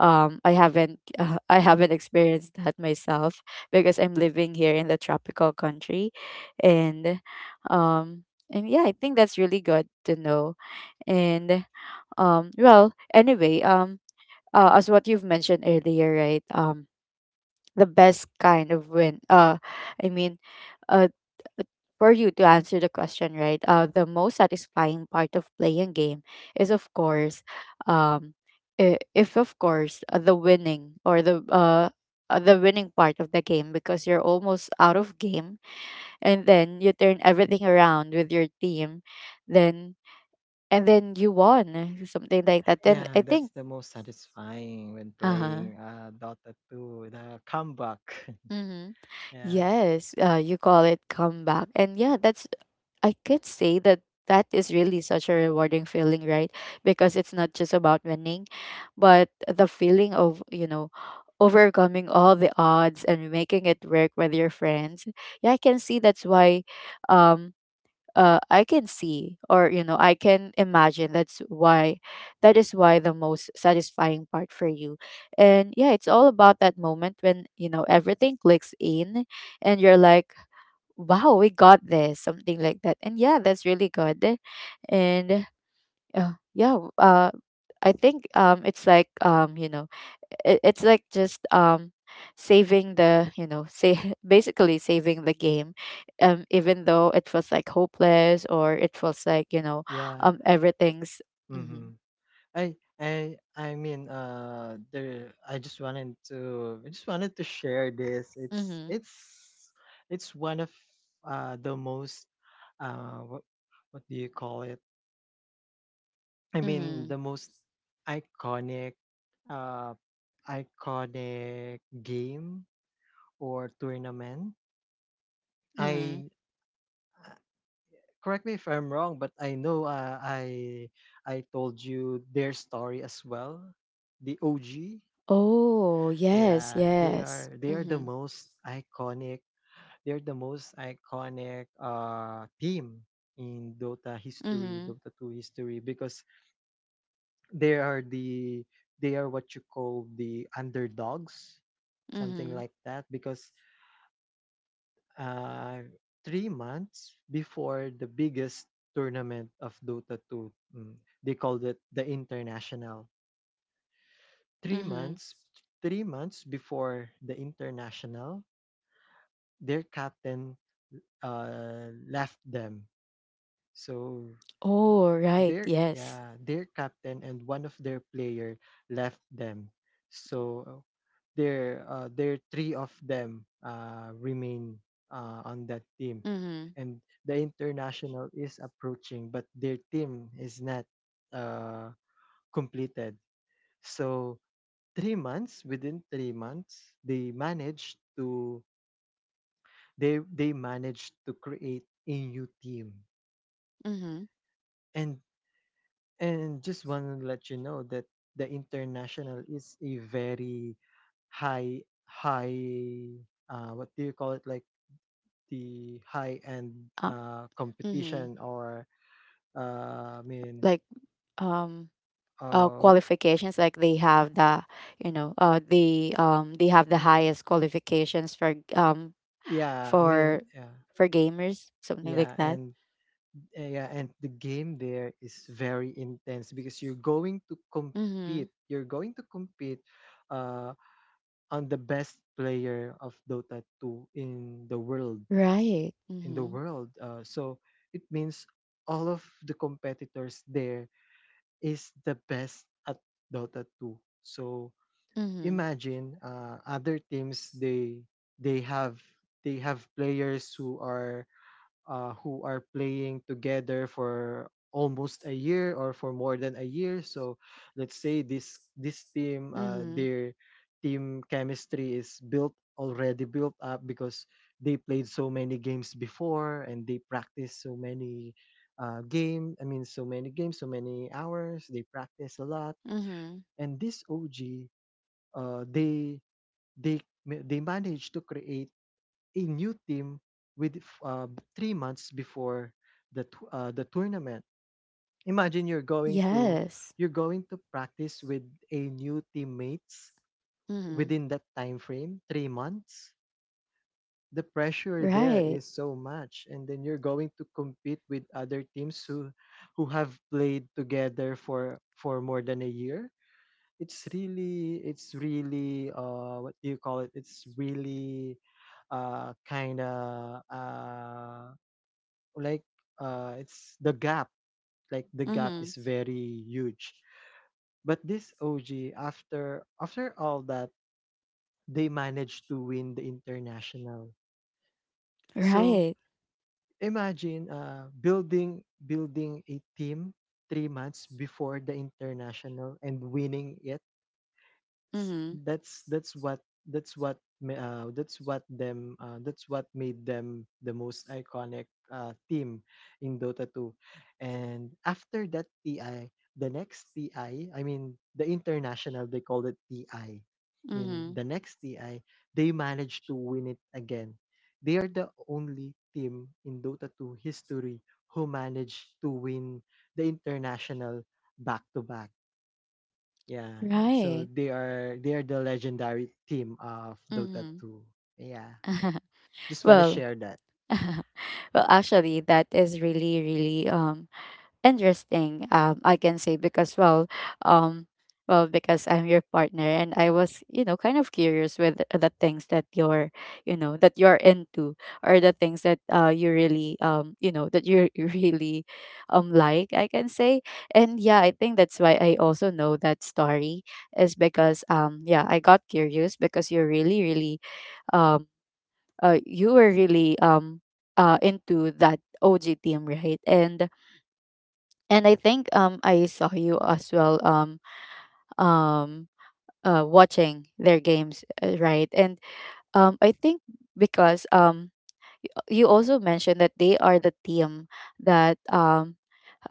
um I haven't uh, I haven't experienced that myself because I'm living here in the tropical country. And um and yeah, I think that's really good to know. And um well, anyway, um uh, as what you've mentioned earlier, right? Um the best kind of win, uh i mean uh for you to answer the question, right, uh the most satisfying part of playing game is, of course, um I- if of course, uh, the winning, or the uh uh, the winning part of the game, because you're almost out of game, and then you turn everything around with your team, then, and then you won, something like that, then
Yeah,
I
that's
think.
the most satisfying when
Uh-huh.
playing uh Dota two, the comeback.
Mm-hmm.
Yeah.
Yes, uh, you call it comeback. And yeah, that's, I could say that that is really such a rewarding feeling, right? Because it's not just about winning, but the feeling of, you know, overcoming all the odds and making it work with your friends. Yeah, I can see that's why um uh, I can see, or you know, I can imagine, that's why that is why the most satisfying part for you. And yeah, it's all about that moment when, you know, everything clicks in, and you're like, wow, we got this, something like that. And yeah, that's really good. And yeah, yeah. w- Uh, I think, um, it's like, um, you know, it, it's like just, um, saving the, you know, say basically saving the game, um, even though it feels like hopeless, or it feels like, you know,
Yeah.
um, everything's.
Mm-hmm.
Mm-hmm,
i i i mean, uh there, i just wanted to i just wanted to share this. It's
mm-hmm,
it's it's one of uh the most, uh what what do you call it, I mean,
mm-hmm,
the most iconic, uh, iconic game or tournament.
mm-hmm.
I uh, Correct me if I'm wrong, but I know, uh, I I told you their story as well. The O G,
Oh yes,
yeah, they
yes.
are, they are the
Mm-hmm,
most iconic. They're the most iconic uh team in Dota history,
mm-hmm,
Dota two history, because they are the, they are what you call the underdogs, something
mm-hmm,
like that, because, uh, three months before the biggest tournament of Dota 2, mm, they called it the international. three
mm-hmm.
months Three months before the international, their captain, uh, left them. So
Oh right,
their,
yes.
yeah, their captain and one of their player left them. So
Mm-hmm,
their, uh, their three of them, uh, remain uh, on that team.
mm-hmm,
And the international is approaching, but their team is not uh, completed. So three months within three months they managed to, they they managed to create a new team.
mm-hmm.
And And just want to let you know that the international is a very high, high uh, what do you call it, like, the high end
Uh,
uh,
mm-hmm.
competition, or uh, I mean,
Like um uh,
uh, what-
qualifications, like they have the, you know, uh, the um they have
I
the
mean
highest qualifications for um
yeah I mean
for
yeah
for gamers, something like
yeah
that.
and, uh, yeah, and the game there is very intense because you're going to
Mm-hmm.
compete you're going to compete uh, on the best player of Dota two in the world
Right.
in the
Mm-hmm.
world. Uh, so it means all of the competitors there is the best at Dota two. So
Mm-hmm.
imagine, uh, other teams, they they have, they have players who are, uh, who are playing together for almost a year, or for more than a year. So let's say this this team, uh,
Mm-hmm.
their team chemistry is built already built up because they played so many games before, and they practice so many, uh, game, I mean, so many games, so many hours. They practice a lot,
Mm-hmm.
and this O G, uh, they, they ma- they managed to create a new team with, uh, three months before the, t- uh, the tournament. Imagine you're going to,
Yes.
you're going to practice with a new teammates
Mm-hmm.
within that time frame, three months. The pressure there
Right.
is so much, and then you're going to compete with other teams who who have played together for for more than a year. It's really, it's really uh what do you call it? It's really, uh kind of, uh like, uh it's the gap. Like, the gap
Mm-hmm.
is very huge. But this OG, after, after all that, they managed to win the international. So
Right.
imagine, uh building building a team three months before the international and winning it. s-
Mm-hmm.
that's that's what that's what ma- uh, that's what them uh, that's what made them the most iconic, uh, team in Dota two. And after that T I, the next TI, I I mean the international, they called it TI. I I mean,
Mm-hmm.
the next T I, they managed to win it again. They are the only team in Dota two history who managed to win the international back to back. Yeah. So
Right.
they are, they are the legendary team of Dota
Mm-hmm.
two. Yeah. Just want to
Well,
share that.
well, actually, that is really, really um interesting, um I can say, because well, um well, because I'm your partner, and I was, you know, kind of curious with the the things that you're, you know, that you're into, or the things that uh you really, um you know, that you you really um like, I can say. And yeah, I think that's why I also know that story, is because um yeah, I got curious because you're really, really um uh you were really um uh into that OG team, right? and and I think um I saw you as well, um um uh watching their games, uh, right? And um I think because um you also mentioned that they are the team that um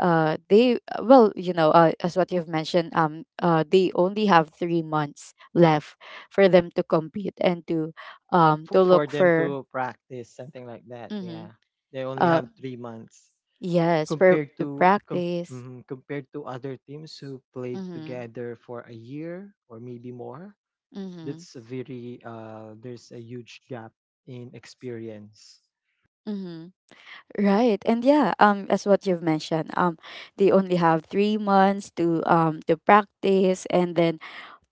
uh they, well, you know, uh, as what you've mentioned, um uh they only have three months left for them to compete and to um
For,
to
for
look
them
for.
to practice, something like that.
Mhm.
Yeah. They only
Uh,
have three months
yes, for
compared
to
to, com-
practice.
mhm, compared to other teams who played
Mhm.
together for a year or maybe more.
Mhm.
That's a very, uh there's a huge gap in experience.
Mhm. Right. And yeah, um as what you've mentioned, um they only have three months to um to practice, and then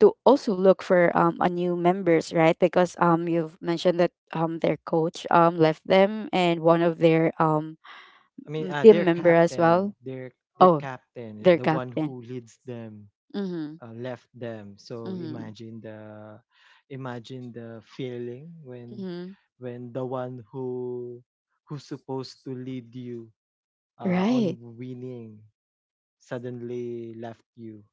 to also look for um a new members, right? Because um you've mentioned that um their coach um left them, and one of their um
I mean,
m-
uh, their
team member as
captain,
well.
their their
Oh,
captain is
their
the one
captain.
who leads them,
Mhm.
uh, left them. So
Mhm.
imagine the, imagine the feeling when,
Mhm.
when the one who who's supposed to lead you, uh, on
Right.
winning, suddenly left you.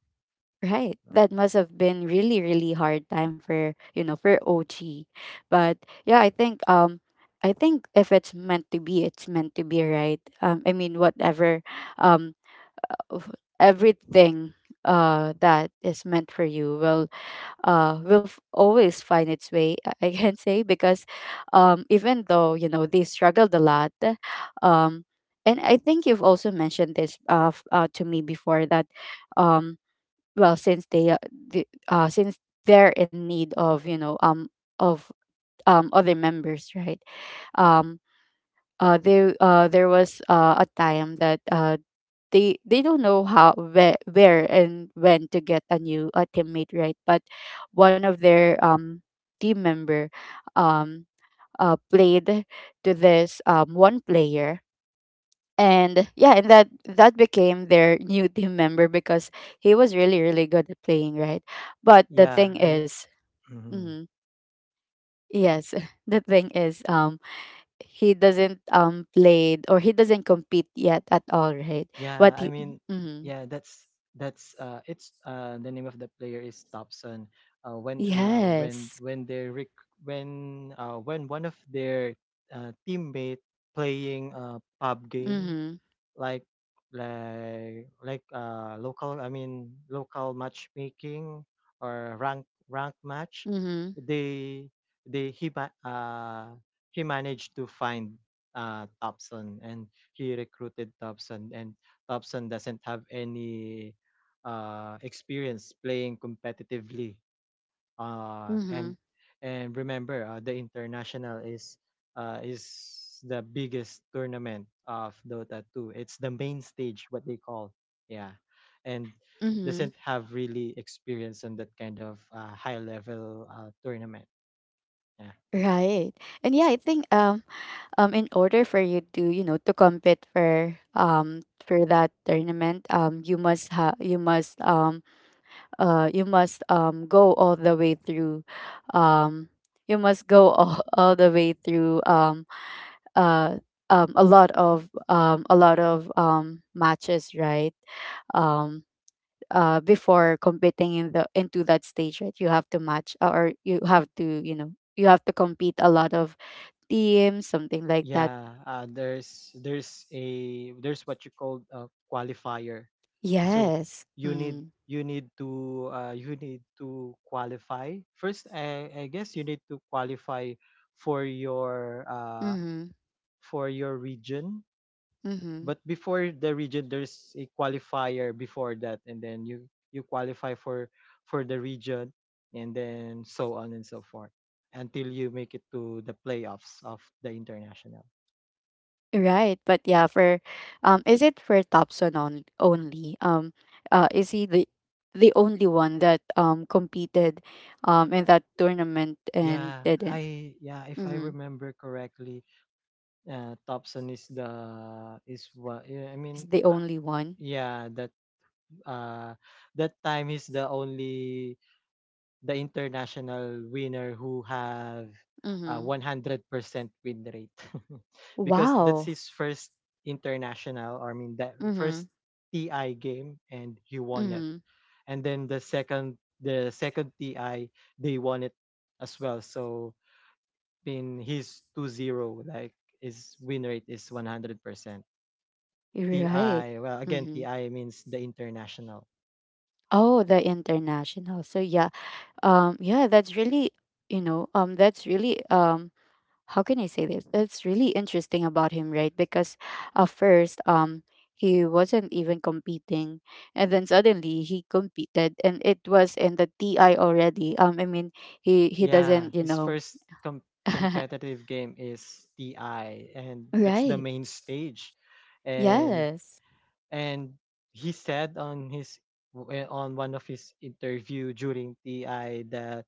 Right.
Uh,
That must have been really, really hard time for, you know, for O G. But yeah, I think um I think if it's meant to be, it's meant to be, right. Um I mean, whatever um of- everything uh that is meant for you will uh will f- always find its way. i I can say because, um even though, you know, they struggled a lot. Um and I think you've also mentioned this uh, f- uh to me before that. um well, since they uh, the, uh since they're in need of, you know, um of, um other members, right? um uh they uh There was uh, a time that uh they they don't know how, where, where and when to get a new uh, teammate, right? But one of their um team member um uh played to this um one player. And yeah, and that that became their new team member because he was really, really good at playing, right? But the
yeah,
thing
I mean,
is...
mhm.
mhm, yes. The thing is, um he doesn't um played, or he doesn't compete yet at all, right?
Yeah,
But
I
he...
mean,
mhm,
yeah, that's that's uh, it's uh, the name of the player is Thompson. Uh, when, uh, when
yes.
when they, rec- when, uh, when one of their, uh, teammate playing a pub game,
Mm-hmm.
like, like like uh local, I mean, local matchmaking, or rank rank match,
Mm-hmm.
they, they he ma- uh he managed to find, uh Thompson, and he recruited Thompson. And Thompson doesn't have any, uh experience playing competitively, uh,
Mm-hmm.
and and remember, uh, the international is, uh, is the biggest tournament of Dota two. It's the main stage, what they call. Yeah. And
Mm-hmm.
doesn't have really experience on that kind of, uh, high level, uh, tournament. Yeah.
Right. And yeah, I think um um in order for you to, you know, to compete for um for that tournament, um you must have you must um uh you must um go all the way through, um you must go all, all the way through, um uh um a lot of, um a lot of um matches, right? um uh Before competing in the into that stage, right, you have to match, uh, or you have to, you know, you have to compete a lot of teams, something like that.
Yeah. Uh, there's there's a there's what you call a qualifier. So
Yes.
you need,
Mm.
you need to uh, you need to qualify first. I, I guess you need to qualify for your, uh,
Mm-hmm.
for your region.
Mm-hmm.
But before the region, there's a qualifier before that, and then you, you qualify for, for the region, and then so on and so forth until you make it to the playoffs of the international.
Right, but yeah, for um, is it for Thompson on only? Um, uh, is he the the only one that um competed um in that tournament and
Yeah,
didn't?
I yeah, if I
Mm-hmm.
remember correctly, Uh, Thompson is the, is what yeah, I
Is
mean
the
uh,
only one?
yeah, that, uh that time, he's the only the international winner who have a
Mm-hmm.
one hundred percent win rate. Because that's
Wow.
his first international, or I mean, that
Mm-hmm.
first T I game, and he won it.
Mm-hmm.
And then the second, the second T I, they won it as well. So, I mean, he's two zero. Like, his win rate is one hundred percent
You're right.
T I. Well, again,
Mm-hmm.
T I means the international.
Oh, the international. So yeah, um, yeah, that's really, you know, um that's really... um how can I say this? That's really interesting about him, right? Because at first, um, he wasn't even competing, and then suddenly he competed, and it was in the T I already. Um, I mean, he he
Yeah,
doesn't, you
his
know...
first, com- competitive game is T I, and that's the
right?
main stage. And,
Yes.
and he said on his, eh, on one of his interview during T I that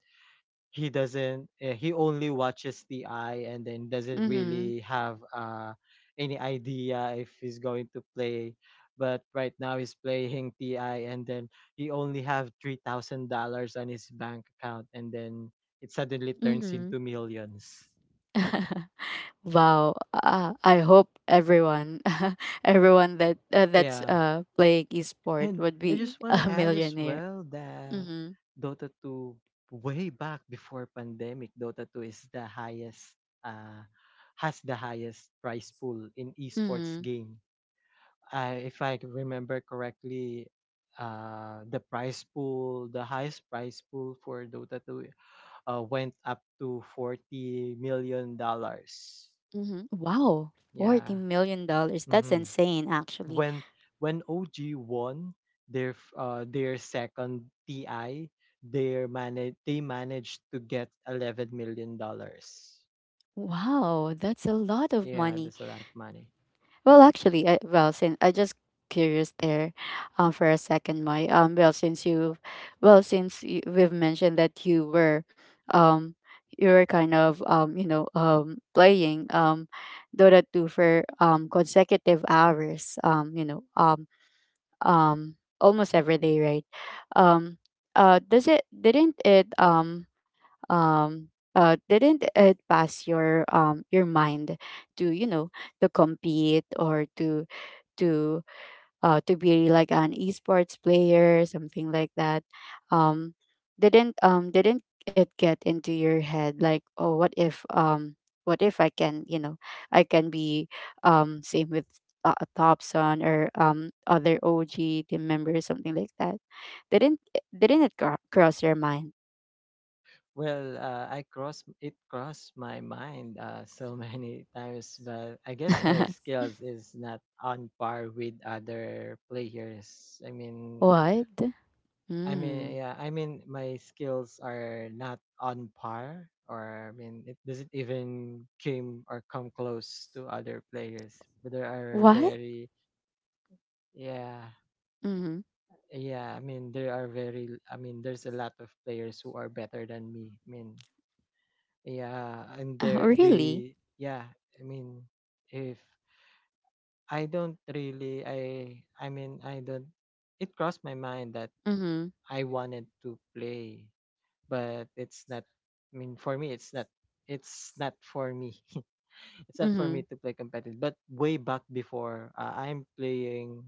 he doesn't, uh, he only watches the eye, and then doesn't
Mm-hmm.
really have, uh any idea if he's going to play, but right now he's playing TI. And then he only have three thousand dollars on his bank account, and then it suddenly turns
Mm-hmm.
into millions.
Wow. Uh, I hope everyone, everyone that uh, that's
Yeah.
uh playing esport
And
would
I
be
just want to
a
add as
millionaire.
well that
Mm-hmm.
Dota two, way back before pandemic, Dota two is the highest, uh has the highest prize pool in esports
Mm-hmm.
game. I If I remember correctly, uh the prize pool, the highest prize pool for Dota two, uh went up to forty million dollars.
Mhm. Wow, forty
Yeah.
million dollars. That's
Mm-hmm.
insane, actually.
When, when O G won their, f- uh, their second T I, their, manage they managed to get eleven million dollars.
Wow, that's a lot of
Yeah,
money.
that's a lot of money.
Well, actually, I, well, since I just curious there, um, for a second, my um, well, since you, well, since you, we've mentioned that you were, um, you were kind of, um, you know, um, playing, um, Dota two for um consecutive hours, um, you know, um, um, almost every day, right? Um, uh, does it didn't it um um uh didn't it pass your, um your mind to, you know, to compete or to... to uh to be like an esports player, something like that? um didn't... um didn't it get into your head like, oh what if, um what if I can, you know, I can be um same with uh, Thompson or um other O G team members, something like that? didn't didn't it cro- cross your mind?
Well, uh, I cross, it crossed my mind, uh, so
Mhm.
many times, but I guess my skills is not on par with other players. I mean,
What?
I mean,
Mm.
yeah, I mean, my skills are not on par, or I mean, it doesn't even came or come close to other players. But there are
What?
very, yeah,
Mhm.
yeah. I mean, there are very, I mean, there's a lot of players who are better than me. I mean, yeah, and
Oh,
there,
really?
they, yeah. I mean, if, I don't really, I, I mean, I don't. It crossed my mind that
Mhm.
I wanted to play, but it's not, I mean, for me it's not, it's not for me. It's not for me
Mhm.
to play competitive. But way back before, uh, i'm playing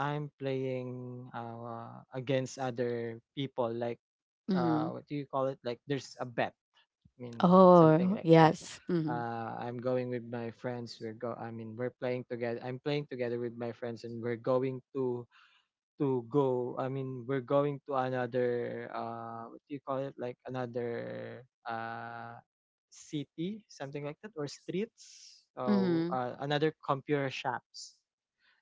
I'm playing, uh, against other people, like, uh,
Mhm.
what do you call it, like, there's a bet, I mean, something
Oh,
like that.
yes. Mhm.
uh, I'm going with my friends, we're go I mean, we're playing together, I'm playing together with my friends, and we're going to to go. I mean, we're going to another, uh what do you call it? Like another, uh city, something like that, or streets. Oh,
Mhm.
uh, another computer shops,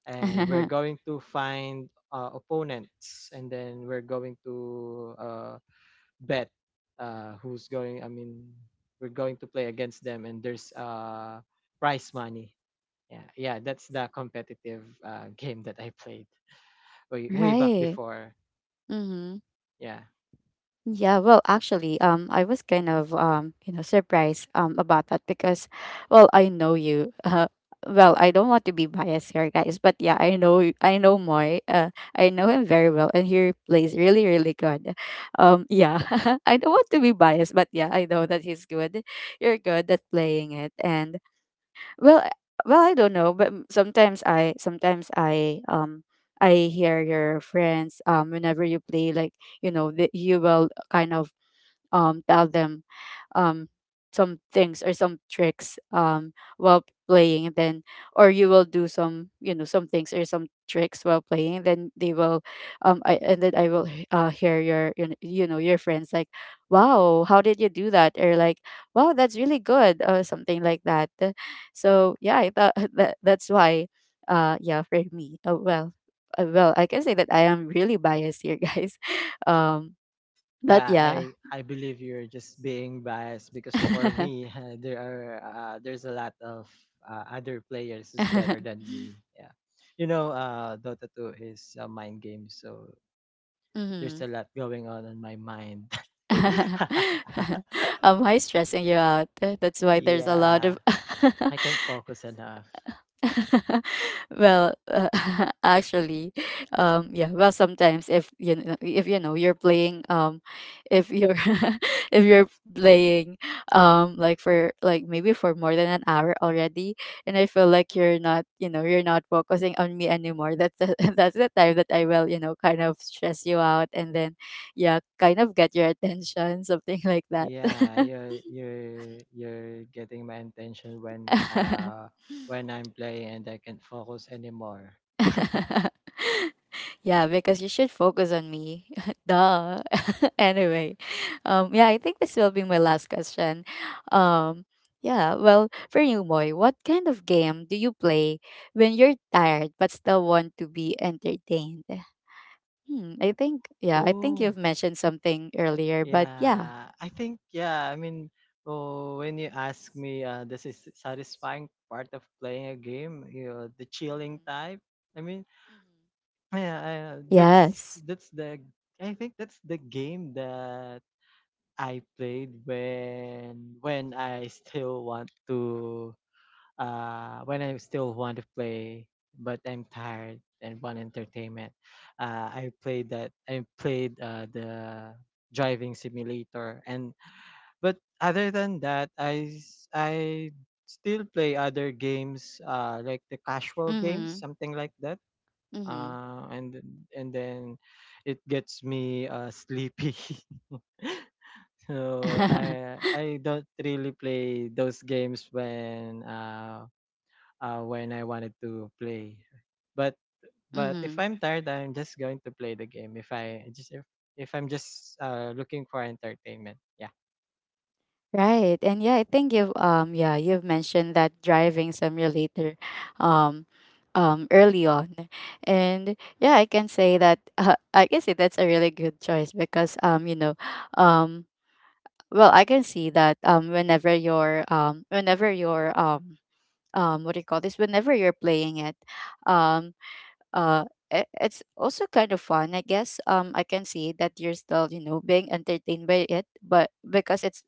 and we're going to find, uh, opponents, and then we're going to, uh bet, uh who's going. I mean, we're going to play against them, and there's, uh prize money. Yeah, yeah, that's the competitive, uh, game that I played way, way back
Right.
before.
Mhm.
Yeah.
Yeah, well, actually, um, I was kind of, um, you know, surprised um about that because, well, I know you. Uh, well, I don't want to be biased here, guys, but yeah, I know y- I know Moy. Uh, I know him very well, and he plays really, really good. Um, yeah, I don't want to be biased, but yeah, I know that he's good. You're good at playing it. And well, I- well, I don't know, but mm, sometimes I, sometimes I, um, I hear your friends um whenever you play, like, you know, that you will kind of, um, tell them um, some things or some tricks, um, while playing. And then, or you will do some, you know, some things or some tricks while playing, then they will... um I, and then i will h- uh, hear your, you kn- you know, your friends like, wow, how did you do that? Or like, wow, that's really good, or something like that. Uh, so yeah, I thought that that's why. Uh yeah, for me, uh, well uh, well, I can say that I am really biased here, guys. um but
Yeah,
yeah.
I I believe you're just being biased because for me there are, uh, there's a lot of, uh, other players who's better than me. Yeah. You know, uh Dota two is a mind game, so there's a
Hmm.
lot going on in my mind.
Am high stressing you out. That's why there's a lot
Yeah.
of...
I can't focus enough.
Well, uh, actually, um, yeah. Well, sometimes if you know, if you know you're playing, um, if you're if you're playing, um, like for like maybe for more than an hour already, and I feel like you're not, you know, you're not focusing on me anymore. That's the, that's the time that I will, you know, kind of stress you out, and then, yeah, kind of get your attention, something like that.
Yeah, you're you're you're getting my attention when, uh when I'm playing and I can't focus anymore.
Yeah, because you should focus on me. Duh. Anyway, um, yeah, I think this will be my last question. Um, yeah, well, for you, Moy, what kind of game do you play when you're tired but still want to be entertained? Hmm, I think, yeah, I think
Oh,
you've mentioned something earlier, but yeah.
yeah, I think, yeah. I mean, oh, when you ask me, uh, this is satisfying part of playing a game. You know, the chilling
Mhm.
type. I mean,
Mhm.
yeah, uh, that's
Yes.
that's the. I think that's the game that I played when, when I still want to, uh when I still want to play, but I'm tired and want entertainment. Uh, I played that. I played uh the driving simulator. And but other than that, I s- I still play other games, uh, like the casual games,
Mm-hmm.
something like that.
Mm-hmm.
Uh, and then and then it gets me, uh, sleepy. So I I don't really play those games when, uh, uh when I wanted to play. But, but if
Mm-hmm.
I'm tired, I'm just going to play the game. If I just if, if I'm just uh looking for entertainment, yeah.
Right. And yeah, I think you've um yeah, you've mentioned that driving simulator um um early on. And yeah, I can say that uh, I can say that's a really good choice because, um you know, um well, I can see that, um whenever you're um whenever you're, um um what do you call this? Whenever you're playing it, um uh i- it's also kind of fun, I guess. um I can see that you're still, you know, being entertained by it, but because it's...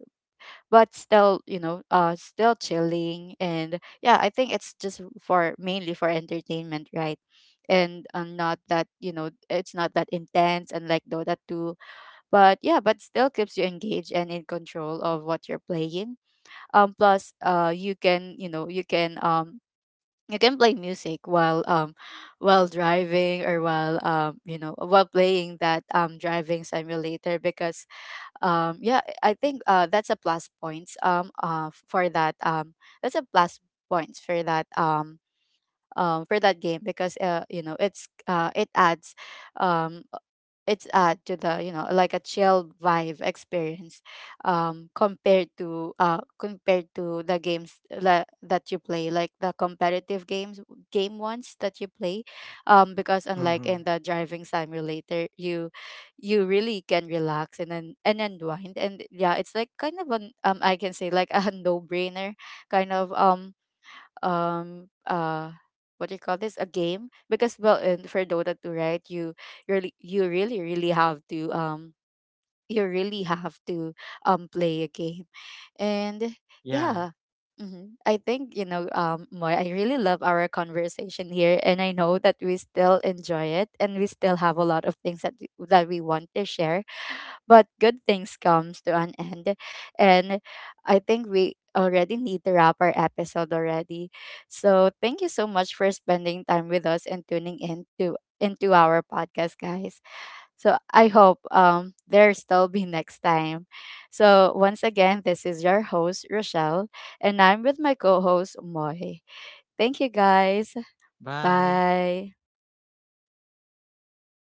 but still, you know, uh still chilling. And yeah, I think it's just for mainly for entertainment, right? And uh, not that, you know, it's not that intense and like dota two, but yeah, but still keeps you engaged and in control of what you're playing. Um plus, uh you can, you know, you can um you can play music while, um while driving, or while, um you know, while playing that, um driving simulator. Because, um yeah, I think, uh that's a plus points, um uh for that. Um that's a plus points for that, um um for that game. Because, uh you know, it's uh it adds... um it's add to the, you know, like a chill vibe experience, um compared to, uh compared to the games, la- that you play, like the competitive games, game ones that you play. Um because unlike
Mm-hmm.
in the driving simulator, you you really can relax and then and unwind. And yeah, it's like kind of an, um I can say, like a no brainer kind of, um um uh what do you call this, a game. Because well, in for Dota two, right, you really you really really have to, um you really have to, um play a game. And
Yeah.
yeah. Hmm, I think, you know, um Moy, I really love our conversation here, and I know that we still enjoy it and we still have a lot of things that we, that we want to share. But good things comes to an end, and I think we already need to wrap our episode already. So thank you so much for spending time with us and tuning in to into our podcast, guys. So I hope um there still be next time. So once again, this is your host Rochelle, and I'm with my co-host Moy. Thank you, guys.
Bye.
Bye.